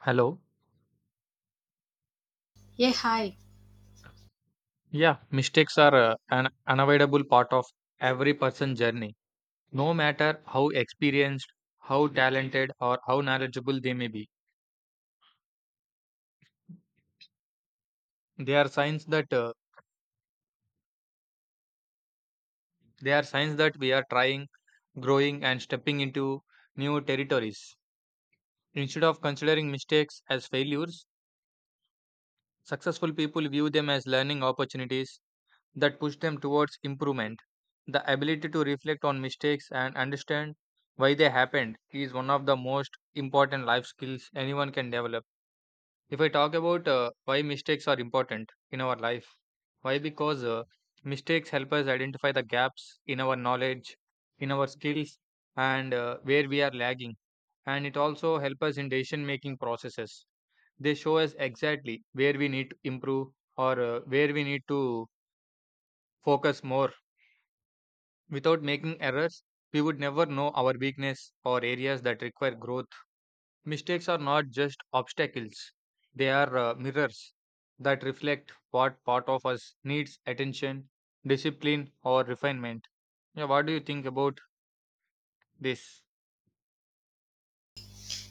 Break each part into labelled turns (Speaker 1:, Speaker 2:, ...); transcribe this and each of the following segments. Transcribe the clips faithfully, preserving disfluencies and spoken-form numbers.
Speaker 1: Hello.
Speaker 2: Yeah, hi.
Speaker 1: Yeah, mistakes are uh, an unavoidable part of every person's journey, no matter how experienced, how talented, or how knowledgeable they may be. They are signs that uh, they are signs that we are trying, growing, and stepping into new territories. Instead of considering mistakes as failures, successful people view them as learning opportunities that push them towards improvement. The ability to reflect on mistakes and understand why they happened is one of the most important life skills anyone can develop. If I talk about uh, why mistakes are important in our life, why? Because uh, Mistakes help us identify the gaps in our knowledge, in our skills, and uh, where we are lagging. And it also helps us in decision making processes. They show us exactly where we need to improve or uh, where we need to focus more. Without making errors, we would never know our weakness or areas that require growth. Mistakes are not just obstacles, they are uh, mirrors that reflect what part of us needs attention, discipline, or refinement. Yeah, what do you think about this?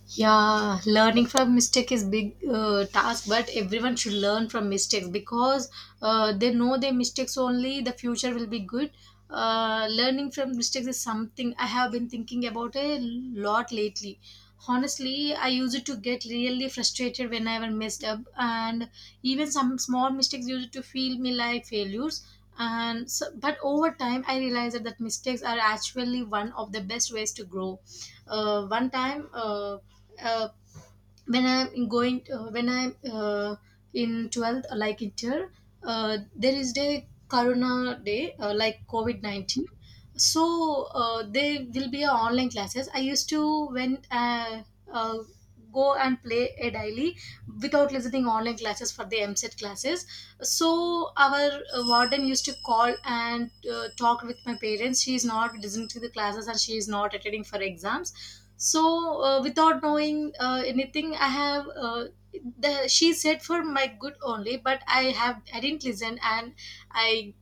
Speaker 2: Yeah, learning from mistake is big uh, task, but everyone should learn from mistakes because uh, they know their mistakes only. The future will be good. Uh, learning from mistakes is something I have been thinking about a lot lately. Honestly, I used to get really frustrated whenever messed up, and even some small mistakes used to feel me like failures. And so, but over time, I realized that mistakes are actually one of the best ways to grow. Uh, one time. Uh, uh, when I'm going uh, when I'm uh, in twelfth like it here. Uh, there is the corona day, uh, like covid nineteen, so uh, there will be a online classes I used to when uh, uh, go and play a daily without listening online classes for the M S E T classes. So our uh, warden used to call and uh, talk with my parents, she is not listening to the classes and she is not attending for exams. So uh, without knowing uh, anything i have uh, the, she said for my good only, but i have I didn't listen. And i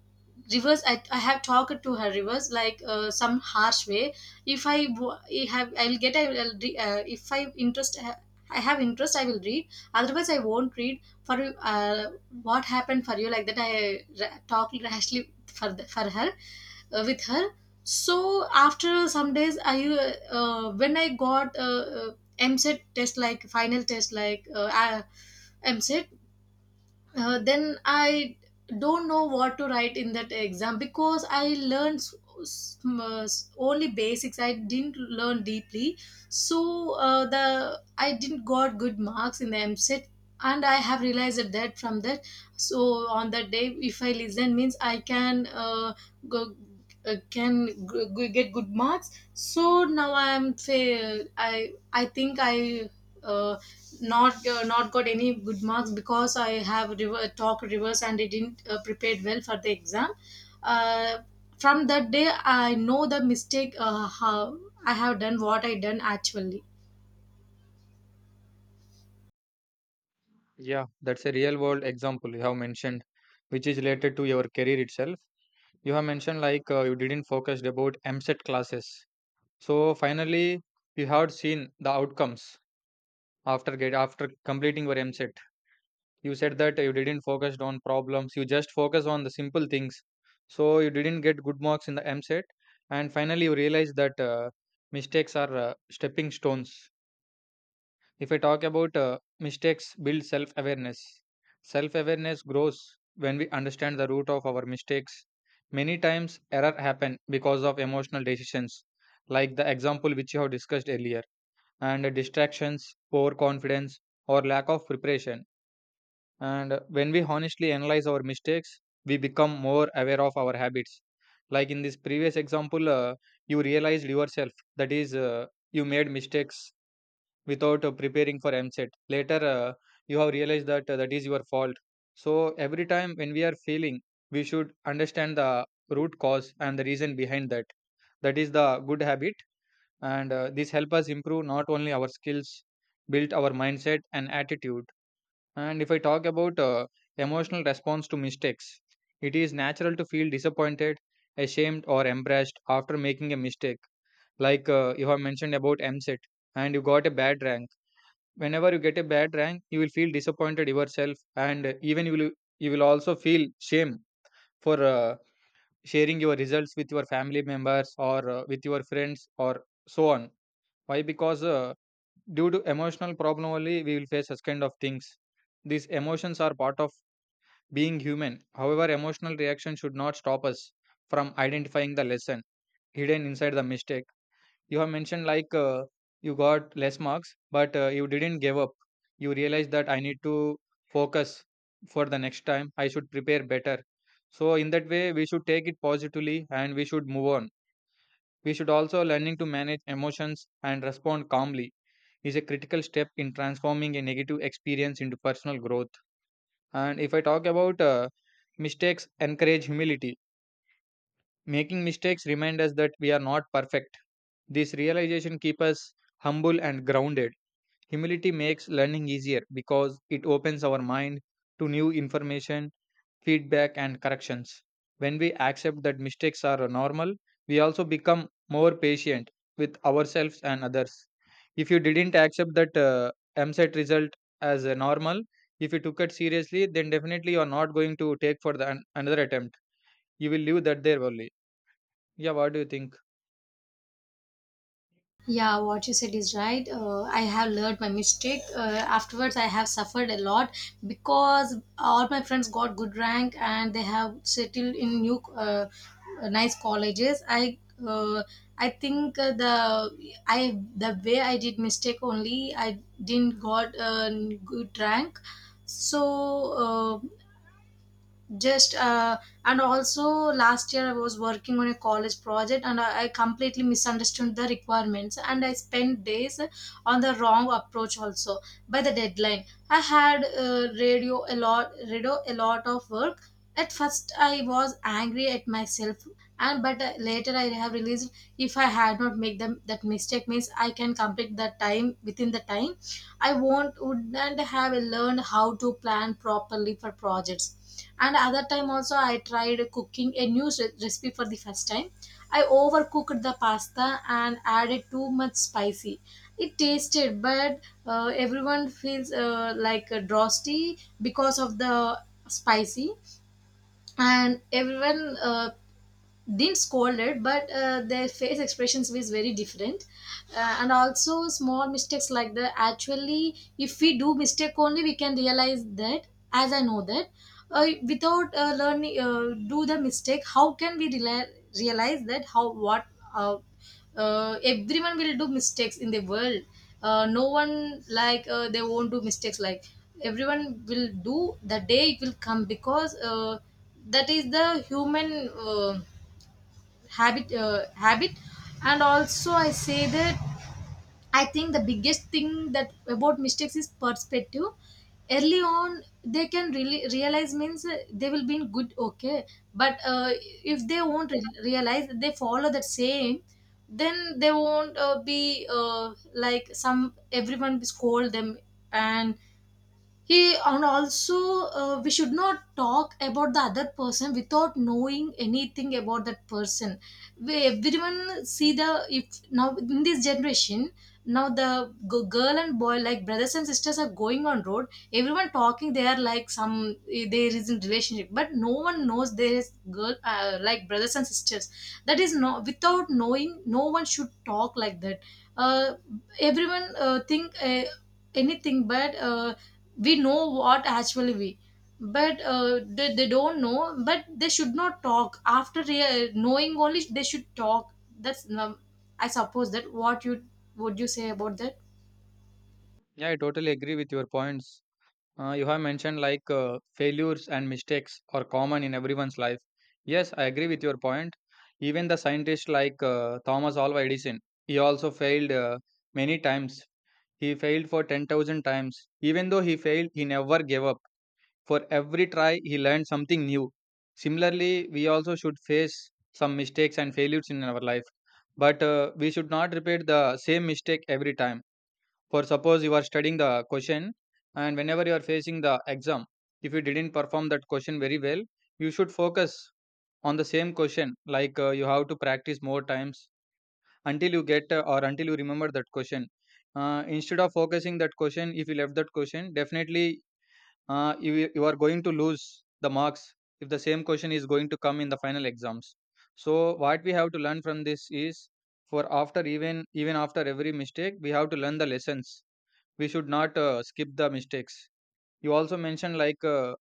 Speaker 2: reverse i, I have talked to her reverse like uh, some harsh way. If I wa- I have I'll get I'll re- uh, if I interest uh, I have interest I will read, otherwise I won't read for uh, what happened for you, like that i ra- talked rashly for the, for her uh, with her. So after some days I uh, uh, when i got uh, uh, mset test like final test like uh, uh, mset uh, then I don't know what to write in that exam because I learned s- s- m- uh, s- only basics. I didn't learn deeply, so uh, the I didn't got good marks in the M C E T, and I have realized that from that. So on that day, if I listen, means I can uh, go. Uh, can g- g- get good marks. So now i'm fa- i i think i uh, not uh, not got any good marks because I have rever- talk reverse and I didn't uh, prepared well for the exam. Uh, from that day, I know the mistake uh, how I have done what I done actually.
Speaker 1: Yeah, that's a real world example you have mentioned, which is related to your career itself. You have mentioned like uh, you didn't focus about M S E T classes. So finally, you have seen the outcomes after get after completing your M S E T. You said that you didn't focus on problems, you just focus on the simple things, so you didn't get good marks in the mset, and finally you realize that uh, mistakes are uh, stepping stones. If I talk about uh, mistakes build self awareness, self awareness grows when we understand the root of our mistakes. Many times error happen because of emotional decisions, like the example which you have discussed earlier, and distractions, poor confidence, or lack of preparation. And when we honestly analyze our mistakes, we become more aware of our habits. Like in this previous example, uh, you realized yourself that is, uh, you made mistakes without uh, preparing for M S E T. Later, uh, you have realized that uh, that is your fault. So every time when we are failing, we should understand the root cause and the reason behind that. That is the good habit, and uh, this help us improve not only our skills, build our mindset and attitude. And if I talk about uh, emotional response to mistakes, it is natural to feel disappointed, ashamed, or embarrassed after making a mistake. Like uh, you have mentioned about M S E T and you got a bad rank. Whenever you get a bad rank, you will feel disappointed yourself, and uh, even you will you will also feel shame for uh, sharing your results with your family members or uh, with your friends or so on. Why? Because uh, Due to emotional problem only, we will face such kind of things. These emotions are part of being human. However, emotional reaction should not stop us from identifying the lesson hidden inside the mistake. You have mentioned like uh, you got less marks, but uh, you didn't give up. You realized that I need to focus for the next time. I should prepare better. So in that way, we should take it positively and we should move on. We should also learning to manage emotions and respond calmly is a critical step in transforming a negative experience into personal growth. And if I talk about uh, mistakes, encourage humility. Making mistakes remind us that we are not perfect. This realization keeps us humble and grounded. Humility makes learning easier because it opens our mind to new information, feedback and corrections. When we accept that mistakes are normal, we also become more patient with ourselves and others. If you didn't accept that uh, M S E T result as a normal, if you took it seriously, then definitely you are not going to take for the an- another attempt. You will leave that there only. Yeah, what do you think?
Speaker 2: Yeah, what you said is right. Uh, I have learned my mistake. Uh, afterwards, I have suffered a lot because all my friends got good rank and they have settled in new, uh, nice colleges. I, uh, I think uh, the I the way I did mistake only I didn't got a good rank. So uh, just uh, and also last year I was working on a college project, and I, I completely misunderstood the requirements, and I spent days on the wrong approach also. By the deadline I had uh, radio a lot radio a lot of work. At first I was angry at myself, and but uh, later I have realized if I had not made them that mistake means I can complete the time within the time. I won't wouldn't have learned how to plan properly for projects. And other time also I tried cooking a new re- recipe for the first time. I overcooked the pasta and added too much spicy. It tasted, but uh, everyone feels uh, like uh, drowsy because of the spicy, and everyone uh, didn't scold it, but uh, their face expressions was very different. Uh, and also small mistakes like that. Actually, if we do mistake only we can realize that. As I know that, uh, without uh, learning uh, do the mistake, how can we reali- realize that how what. uh, uh, Everyone will do mistakes in the world. Uh, no one like uh, they won't do mistakes, like everyone will do, the day it will come because uh, that is the human uh, habit uh, habit And also I say that I think the biggest thing that about mistakes is perspective. Early on they can really realize means uh, they will be in good, okay, but uh, if they won't re- realize they follow that same, then they won't uh, be uh, like some, everyone scold them. And he, and also uh, we should not talk about the other person without knowing anything about that person. We, everyone see the, if now in this generation, now the g- girl and boy like brothers and sisters are going on road, everyone talking they are like some, eh, there is in relationship, but no one knows there is girl uh, like brothers and sisters. That is no, without knowing no one should talk like that. uh, Everyone uh, think uh, anything, but uh, we know what actually we, but uh, they, they don't know. But they should not talk, after rea- knowing only they should talk. That's um, I suppose that what you would you say about that?
Speaker 1: Yeah, I totally agree with your points. Uh, you have mentioned like uh, failures and mistakes are common in everyone's life. Yes, I agree with your point. Even the scientist like uh, Thomas Alva Edison, he also failed uh, many times. He failed for ten thousand times. Even though he failed, he never gave up. For every try, he learned something new. Similarly, we also should face some mistakes and failures in our life. But uh, we should not repeat the same mistake every time. For suppose you are studying the question, and whenever you are facing the exam, if you didn't perform that question very well, you should focus on the same question. Like uh, you have to practice more times until you get uh, or until you remember that question. Uh, instead of focusing that question, if you left that question, definitely uh, you, you are going to lose the marks if the same question is going to come in the final exams. So what we have to learn from this is, for after even even after every mistake, we have to learn the lessons. We should not uh, skip the mistakes. You also mentioned like uh,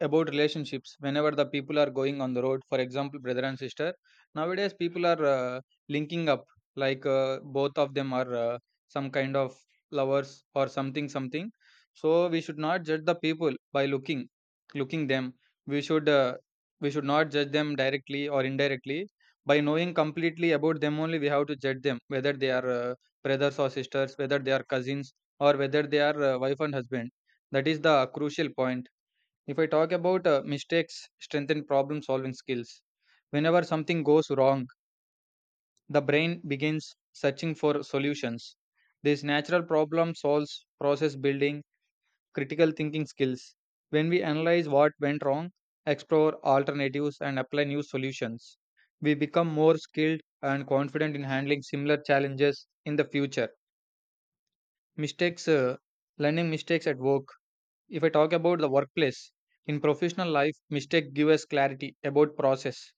Speaker 1: about relationships. Whenever the people are going on the road, for example brother and sister, nowadays people are uh, linking up, like uh, both of them are uh, some kind of lovers or something something. So we should not judge the people by looking looking them. We should uh, we should not judge them directly or indirectly. By knowing completely about them only, we have to judge them whether they are uh, brothers or sisters, whether they are cousins, or whether they are uh, wife and husband. That is the crucial point. If I talk about uh, mistakes strengthen problem solving skills, whenever something goes wrong, the brain begins searching for solutions. This natural problem solves process building critical thinking skills. When we analyze what went wrong, explore alternatives, and apply new solutions, we become more skilled and confident in handling similar challenges in the future. Mistakes, uh, learning mistakes at work. If I talk about the workplace, in professional life, mistake give us clarity about process,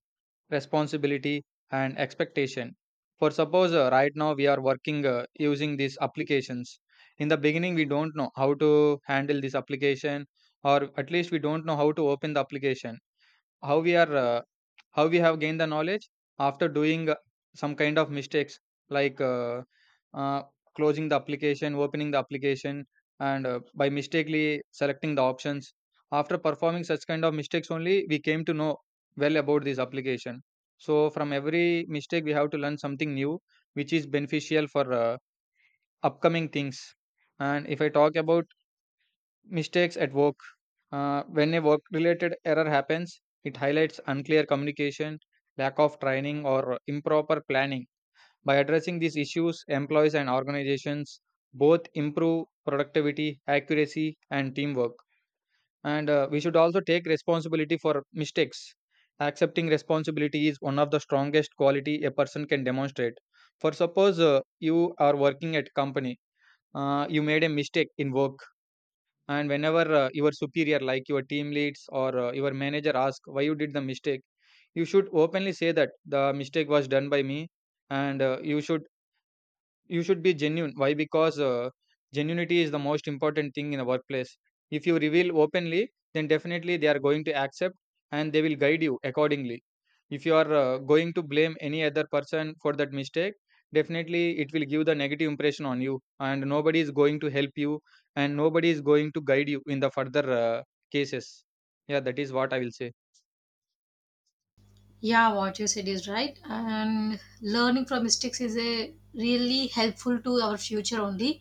Speaker 1: responsibility, and expectation. For suppose uh, right now we are working uh, using these applications. In the beginning, we don't know how to handle this application, or at least we don't know how to open the application. How we are uh, how we have gained the knowledge after doing uh, some kind of mistakes, like uh, uh, closing the application, opening the application, and uh, by mistakenly selecting the options. After performing such kind of mistakes only, we came to know well about this application. So from every mistake we have to learn something new, which is beneficial for uh, upcoming things. And if I talk about mistakes at work, uh, when a work related error happens, it highlights unclear communication, lack of training, or improper planning. By addressing these issues, employees and organizations both improve productivity, accuracy, and teamwork. And uh, we should also take responsibility for mistakes. Accepting responsibility is one of the strongest quality a person can demonstrate. For suppose uh, you are working at company, uh, you made a mistake in work, and whenever uh, your superior, like your team leads or uh, your manager, ask why you did the mistake, you should openly say that the mistake was done by me, and uh, you should you should be genuine. Why? Because uh, Genuinity is the most important thing in a workplace. If you reveal openly, then definitely they are going to accept and they will guide you accordingly. If you are uh, going to blame any other person for that mistake, definitely it will give the negative impression on you, and nobody is going to help you, and nobody is going to guide you in the further uh, cases. Yeah, that is what I will say.
Speaker 2: Yeah, what you said is right. And learning from mistakes is a really helpful to our future only.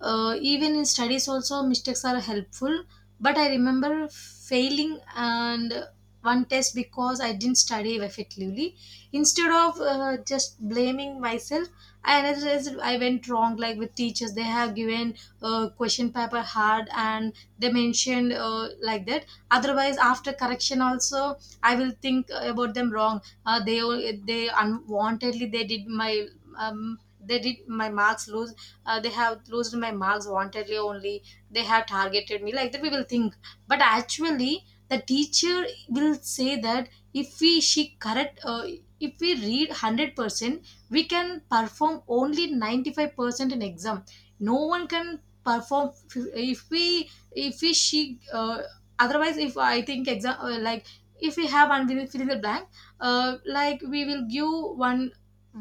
Speaker 2: Uh, even in studies also mistakes are helpful. But I remember failing and one test because I didn't study effectively. Instead of uh, just blaming myself, I analyzed I went wrong. Like with teachers, they have given uh, question paper hard and they mentioned uh, like that. Otherwise, after correction also I will think uh, about them wrong. Uh, they they unwantedly they did my um, they did my marks lose. Uh, they have lost my marks wantedly only. They have targeted me like that. We will think, but actually the teacher will say that, if we she correct uh, if we read one hundred percent we can perform only ninety-five percent in exam. No one can perform if we if we she uh, otherwise if I think exam uh, like, if we have one we will fill in the blank, uh, like we will give one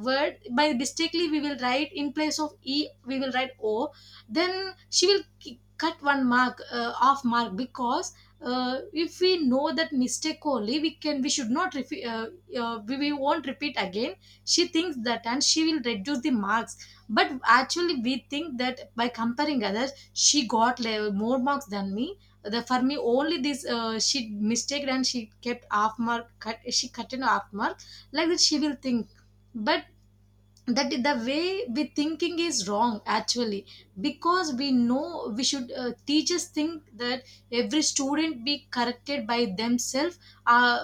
Speaker 2: word by mistakenly we will write in place of e we will write o. Then she will ki- cut one mark uh, off mark, because uh, if we know that mistake only we can, we should not repeat. uh, uh, we, we won't repeat again. She thinks that and she will reduce the marks. But actually we think that by comparing others she got le- more marks than me. The For me only this, uh, she mistake and she kept half mark cut, she cut in half mark, like that she will think. But that the way we thinking is wrong actually. Because we know we should uh, teachers think that every student be corrected by themselves. uh,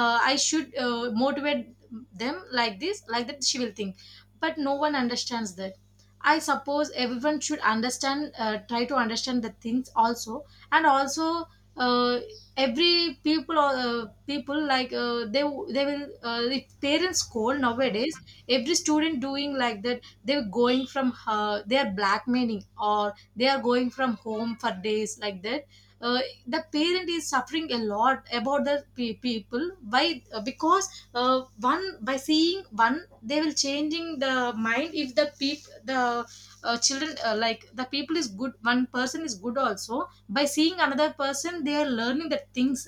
Speaker 2: uh, I should uh, motivate them like this, like that she will think. But no one understands that. I suppose everyone should understand, uh, try to understand the things also. And also uh, every people uh, people like uh, they they will uh, if parents scold nowadays, every student doing like that, they're going from uh, they are blackmailing, or they are going from home for days, like that. uh, the parent is suffering a lot about the pe- people. Why? Uh, because uh, one by seeing one they will changing the mind, if the peop the uh, children uh, like the people is good, one person is good, also by seeing another person they are learning the things.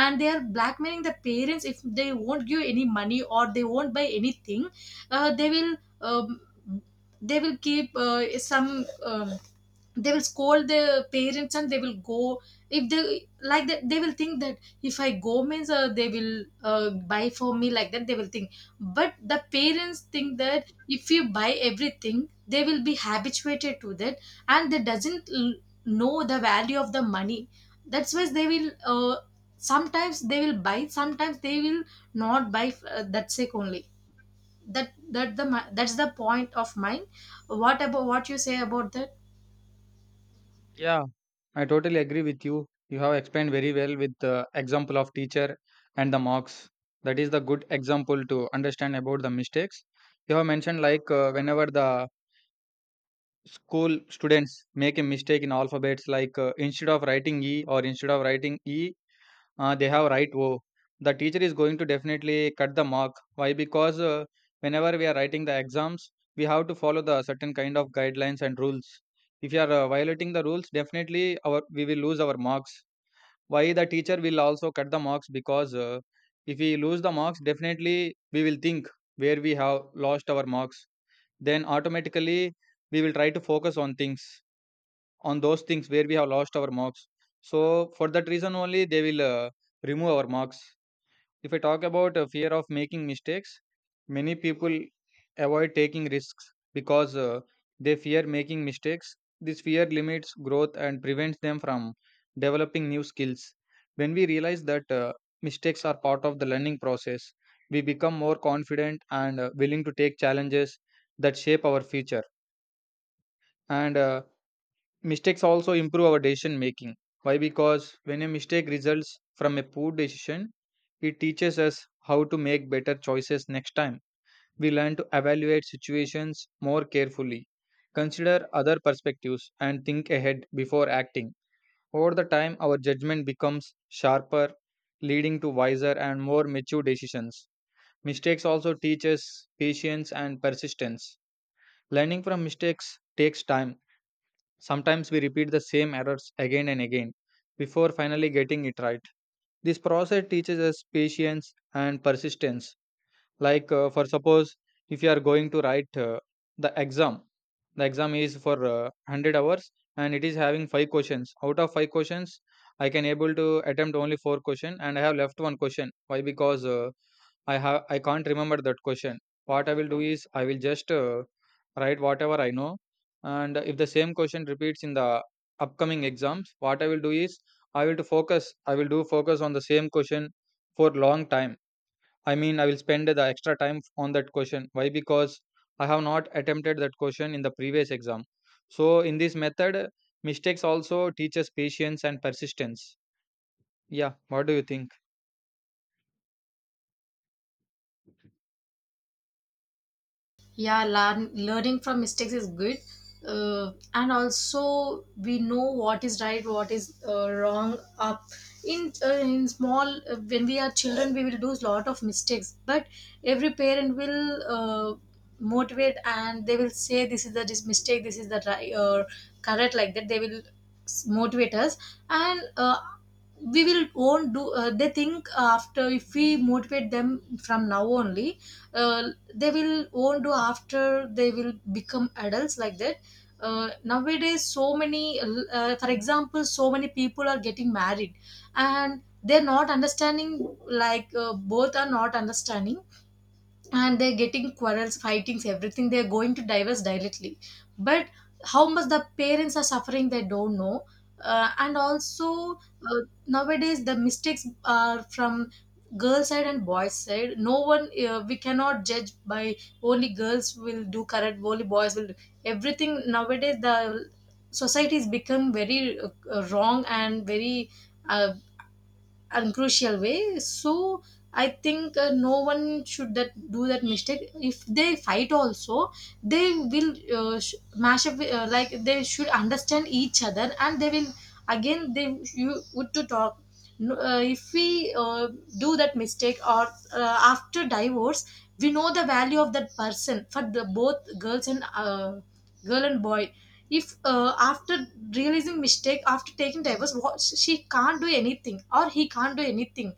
Speaker 2: And they are blackmailing the parents if they won't give any money or they won't buy anything. uh, they will um, they will keep uh, some, um, they will scold their parents and they will go. If they like that they will think that, if I go means uh, they will uh, buy for me, like that they will think. But the parents think that if you buy everything they will be habituated to that, and they doesn't l- know the value of the money. That's why they will uh, sometimes they will buy, sometimes they will not buy, uh, that's it only. That that the mi- that's the point of mine. What about what you say about that?
Speaker 1: Yeah, I totally agree with you. You have explained very well with the example of teacher and the marks. That is the good example to understand about the mistakes. You have mentioned like uh, whenever the school students make a mistake in alphabets, like uh, instead of writing E or instead of writing E, uh, they have right oh, the teacher is going to definitely cut the mark. Why? Because uh, Whenever we are writing the exams, we have to follow the certain kind of guidelines and rules. If you are uh, violating the rules, definitely our we will lose our marks. Why the teacher will also cut the marks? Because uh, If we lose the marks, definitely we will think where we have lost our marks, then automatically we will try to focus on things, on those things where we have lost our marks. So for that reason only they will uh, remove our marks. If I talk about uh, fear of making mistakes, many people avoid taking risks because uh, they fear making mistakes. This fear limits growth and prevents them from developing new skills. When we realize that uh, mistakes are part of the learning process, we become more confident and uh, willing to take challenges that shape our future. And uh, Mistakes also improve our decision making. Why? Because when a mistake results from a poor decision, it teaches us how to make better choices next time. We learn to evaluate situations more carefully, consider other perspectives, and think ahead before acting. Over the time, our judgment becomes sharper, leading to wiser and more mature decisions. Mistakes also teach us patience and persistence. Learning from mistakes takes time. Sometimes we repeat the same errors again and again before finally getting it right. This process teaches us patience and persistence. Like, uh, for suppose, if you are going to write uh, the exam, the exam is for uh, one hundred hours and it is having five questions. Out of five questions, I can able to attempt only four question and I have left one question. Why? Because uh, I have I can't remember that question. What I will do is I will just uh, write whatever I know, and if the same question repeats in the upcoming exams, what I will do is I will to focus. I will do focus on the same question for long time. I mean, I will spend the extra time on that question. Why? Because I have not attempted that question in the previous exam. So in this method, mistakes also teaches patience and persistence. Yeah, what do you think?
Speaker 2: Yeah, learn, learning from mistakes is good. Uh, and also we know what is right, what is uh, wrong up. In uh, in small, uh, when we are children we will do a lot of mistakes, but every parent will uh, motivate, and they will say this is the, this mistake, this is the right or correct, like that they will s- motivate us. And uh, we will won't do, uh, they think after, if we motivate them from now only uh, they will won't do after they will become adults, like that. Uh, nowadays so many, uh, for example, so many people are getting married, and they're not understanding, like uh, both are not understanding, and they're getting quarrels, fightings, everything, they're going to divorce directly. But how much the parents are suffering they don't know. Uh, and also uh, nowadays the mistakes are from girls' side and boys side. No one, uh, we cannot judge by, only girls will do correct, only boys will do everything. Nowadays the society has become Very uh, wrong and very uh, and crucial way. So I think uh, no one should that do that mistake. If they fight also, they will uh, sh- mash up, uh, like they should understand each other and they will again they you would to talk. No, uh, if we uh, do that mistake or uh, after divorce, we know the value of that person for the both girls and uh, girl and boy. If uh, after realizing mistake, after taking divorce, what she can't do anything or he can't do anything.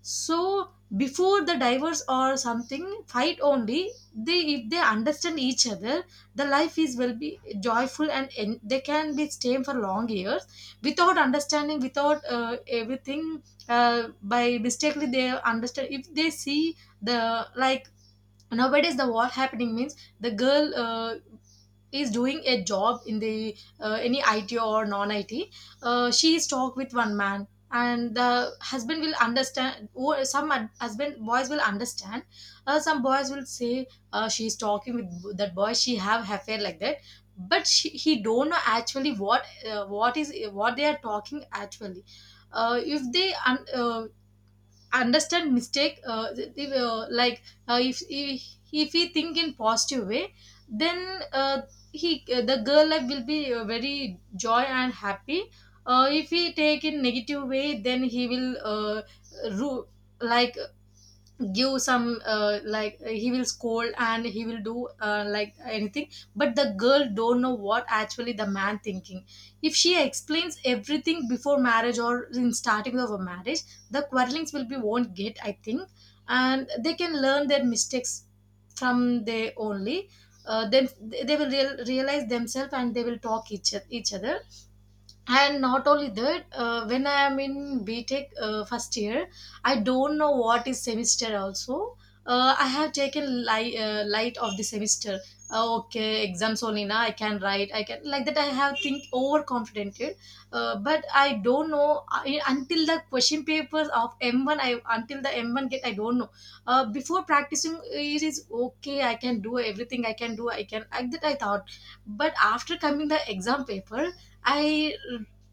Speaker 2: So before the divorce or something fight only they, if they understand each other, the life is will be joyful and en- they can be staying for long years without understanding, without uh, everything. Uh, by mistakenly they understand if they see the like nowadays the what happening means the girl uh, is doing a job in the uh, any I T or non-I T, uh, she is talk with one man, and the husband will understand. Or some hus- husband boys will understand. Uh, some boys will say uh, she is talking with that boy. She have affair like that, but she, he don't know actually what uh, what is what they are talking actually. Uh, if they un- uh, Understand mistake uh, th- th- uh, like uh, if, if if he think in positive way, then uh, he uh, the girl life will be uh, very joy and happy. Uh, if he take in negative way, then he will uh, ru- like give some uh, like uh, he will scold and he will do uh, like anything. But the girl don't know what actually the man thinking. If she explains everything before marriage or in starting of a marriage, the quarrelings will be won't get, I think, and they can learn their mistakes from they only. Uh, then they will real, realize themselves and they will talk each, each other. And not only that, uh, when I am in btech uh, first year, I don't know what is semester also. uh, I have taken li- uh, light of the semester. Uh, okay, exams only Na, I can write I can like that I have think overconfident, uh, but I don't know. I, until the question papers of M one I, until the M one get I don't know. Uh, before practicing, it is okay I can do everything I can do I can like that I thought. But after coming the exam paper, I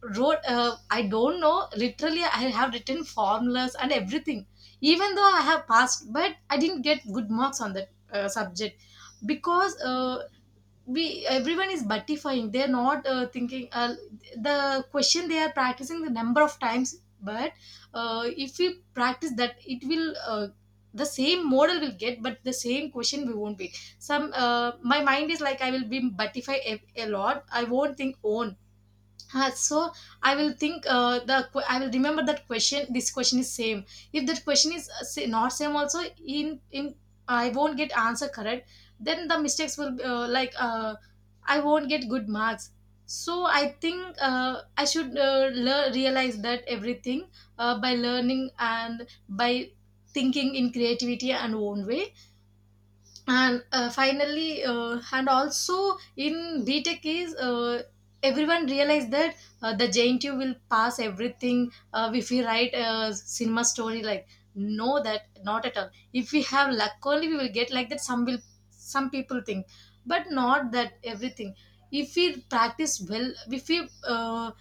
Speaker 2: wrote, uh, I don't know, literally, I have written formulas and everything. Even though I have passed, but I didn't get good marks on that uh, subject, because uh, we everyone is buttifying. They're not uh, thinking uh, the question, they are practicing the number of times, but uh, if we practice that, it will. Uh, the same model will get, but the same question we won't be. Some uh, my mind is like I will be buttify a, a lot, I won't think own. Uh, so I will think uh, the que- I will remember that question. This question is same. If that question is uh, sa- not same also in in I won't get answer correct. Then the mistakes will be, uh, like uh, I won't get good marks. So I think uh, I should uh, lear- realize that everything uh, by learning and by thinking in creativity and own way. And uh, finally uh, and also in btech is uh, everyone realized that uh, the jntu will pass everything uh, if we write a cinema story like. No, that not at all. If we have luck only, we will get, like that some will some people think, but not that everything. If we practice well, if we uh,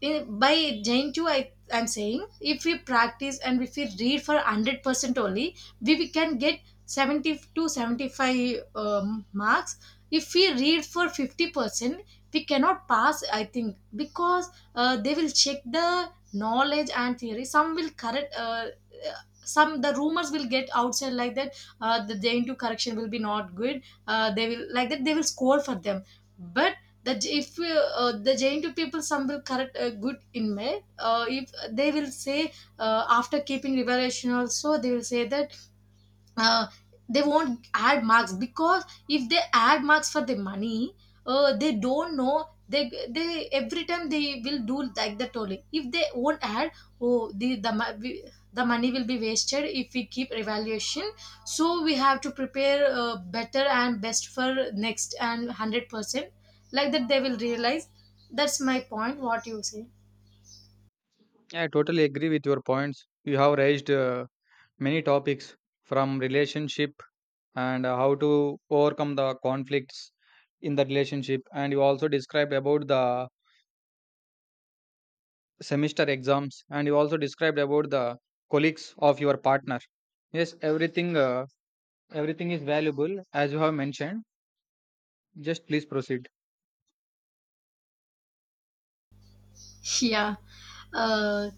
Speaker 2: in- by Jaintu, I I'm saying if we practice and if we read for hundred percent only, we, we can get seventy to seventy five um, marks. If we read for fifty percent, we cannot pass, I think, because uh, they will check the knowledge and theory. Some will correct. Uh, uh, some the rumors will get outside like that. Uh, the Jaintu correction will be not good. Uh, they will like that. They will score for them. But the if uh, uh, the Jaintu people some will correct a good in May, uh, if they will say uh, after keeping revelation also, they will say that uh, they won't add marks, because if they add marks for the money, uh, they don't know they they every time they will do like that only. If they won't add, oh the the, mo- we- the money will be wasted if we keep evaluation. So we have to prepare uh, better and best for next, and hundred percent, like that they will realize. That's my point. What you say?
Speaker 1: Yeah, I totally agree with your points you have raised. Uh, many topics, from relationship and uh, how to overcome the conflicts in the relationship, and you also described about the semester exams, and you also described about the colleagues of your partner. Yes, everything uh, everything is valuable as you have mentioned. Just please proceed.
Speaker 2: Yeah. Uh,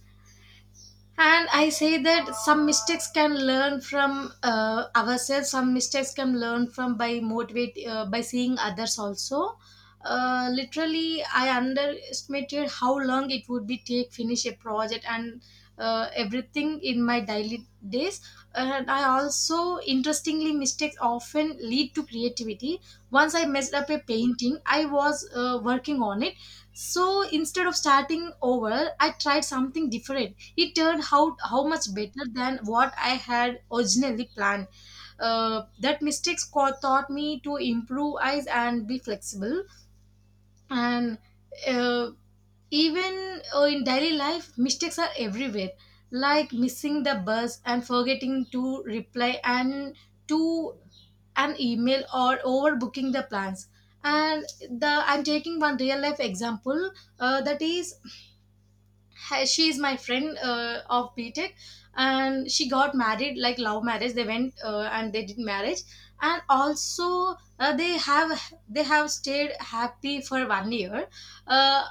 Speaker 2: and I say that some mistakes can learn from uh, ourselves, some mistakes can learn from by motivate uh, by seeing others also. Uh, literally I underestimated how long it would be take finish a project, and uh, everything in my daily days. And I also interestingly mistakes often lead to creativity. Once I messed up a painting I was uh, working on it, so instead of starting over, I tried something different. It turned out how much better than what I had originally planned. Uh, that mistakes co- taught me to improvise and be flexible. And uh, even uh, in daily life, mistakes are everywhere, like missing the bus and forgetting to reply and to an email or overbooking the plans. And the I'm taking one real life example, uh, that is ha- she is my friend uh, of BTech. And she got married, like love marriage, they went uh, and they did marriage. And also uh, they have they have stayed happy for one year. uh,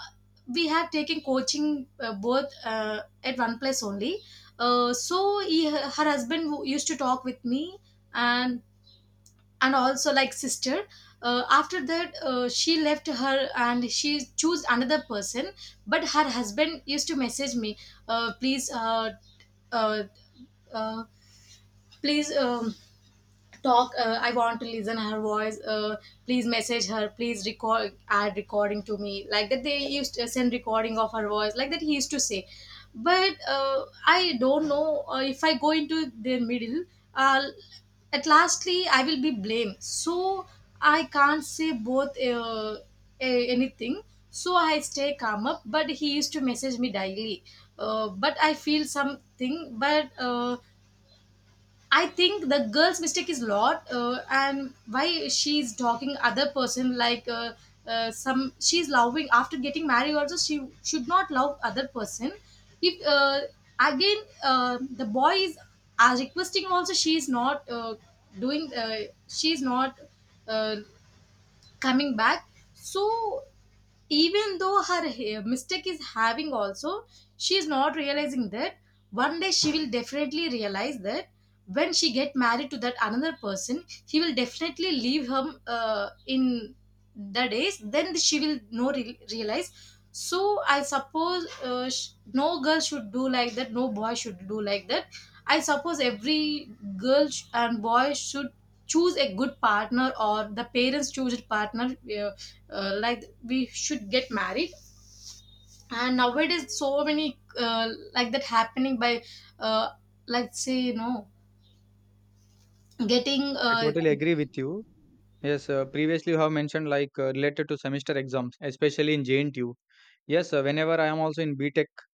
Speaker 2: we have taken coaching, uh, both uh, at one place only. Uh, so he, her husband who used to talk with me and and also like sister. Uh, after that, uh, she left her and she chose another person. But her husband used to message me, uh, please uh, uh, uh, please um, talk, uh, I want to listen her voice, uh, please message her, please record add recording to me, like that they used to send recording of her voice, like that he used to say. But uh, I don't know, uh, if I go into their middle, uh, at lastly I will be blamed. So I can't say both uh, a- anything. So I stay calm up, but he used to message me daily. Uh, but I feel something. But uh, I think the girl's mistake is lot, uh, and why she's talking other person, like uh, uh, some she's loving. After getting married also, she should not love other person. If uh, again uh, the boy is are requesting also, she is not uh, doing uh, she is not uh, coming back. So even though her ha- mistake is having also, she is not realizing that. One day she will definitely realize that, when she get married to that another person, he will definitely leave her uh, in the days, then she will no re- realize. So I suppose uh, sh- no girl should do like that, no boy should do like that. I suppose every girl sh- and boy should choose a good partner, or the parents choose a partner, uh, uh, like we should get married. And nowadays so many uh, like that happening by uh, like say no getting
Speaker 1: I
Speaker 2: uh,
Speaker 1: totally agree with you. Yes, uh, previously you have mentioned like uh, related to semester exams, especially in JNTU. Yes, uh, whenever I am also in BTech,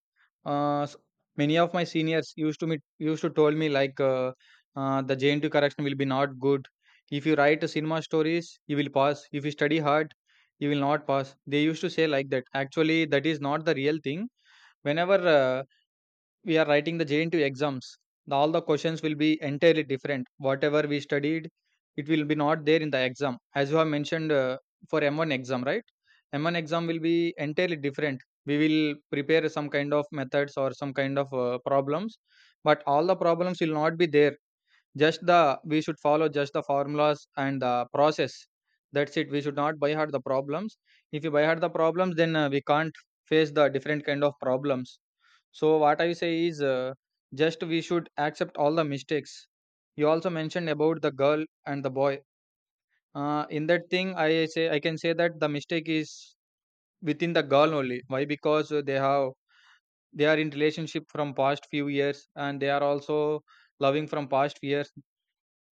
Speaker 1: Uh, s- many of my seniors used to me used to told me like uh, uh, the J N T correction will be not good. If you write cinema stories, you will pass. If you study hard, you will not pass. They used to say like that. Actually, that is not the real thing. Whenever uh, we are writing the J N T U exams, the- all the questions will be entirely different. Whatever we studied, it will be not there in the exam. As you have mentioned, uh, for M one exam, right? M one exam will be entirely different. We will prepare some kind of methods or some kind of uh, problems, but all the problems will not be there. Just the we should follow just the formulas and the process. That's it. We should not buy hard the problems. If you buy hard the problems, then uh, we can't face the different kind of problems. So what I say is, uh, just we should accept all the mistakes. You also mentioned about the girl and the boy. Uh, in that thing, I say I can say that the mistake is within the girl only. Why? Because uh, they have they are in relationship from past few years, and they are also loving from past years.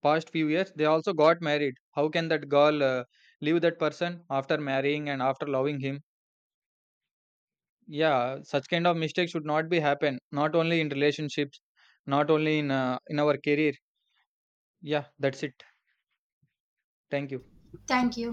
Speaker 1: Past few years, they also got married. How can that girl uh, leave that person after marrying and after loving him? Yeah, such kind of mistakes should not be happen, not only in relationships, not only in uh, in our career. Yeah, that's it. Thank you.
Speaker 2: thank you.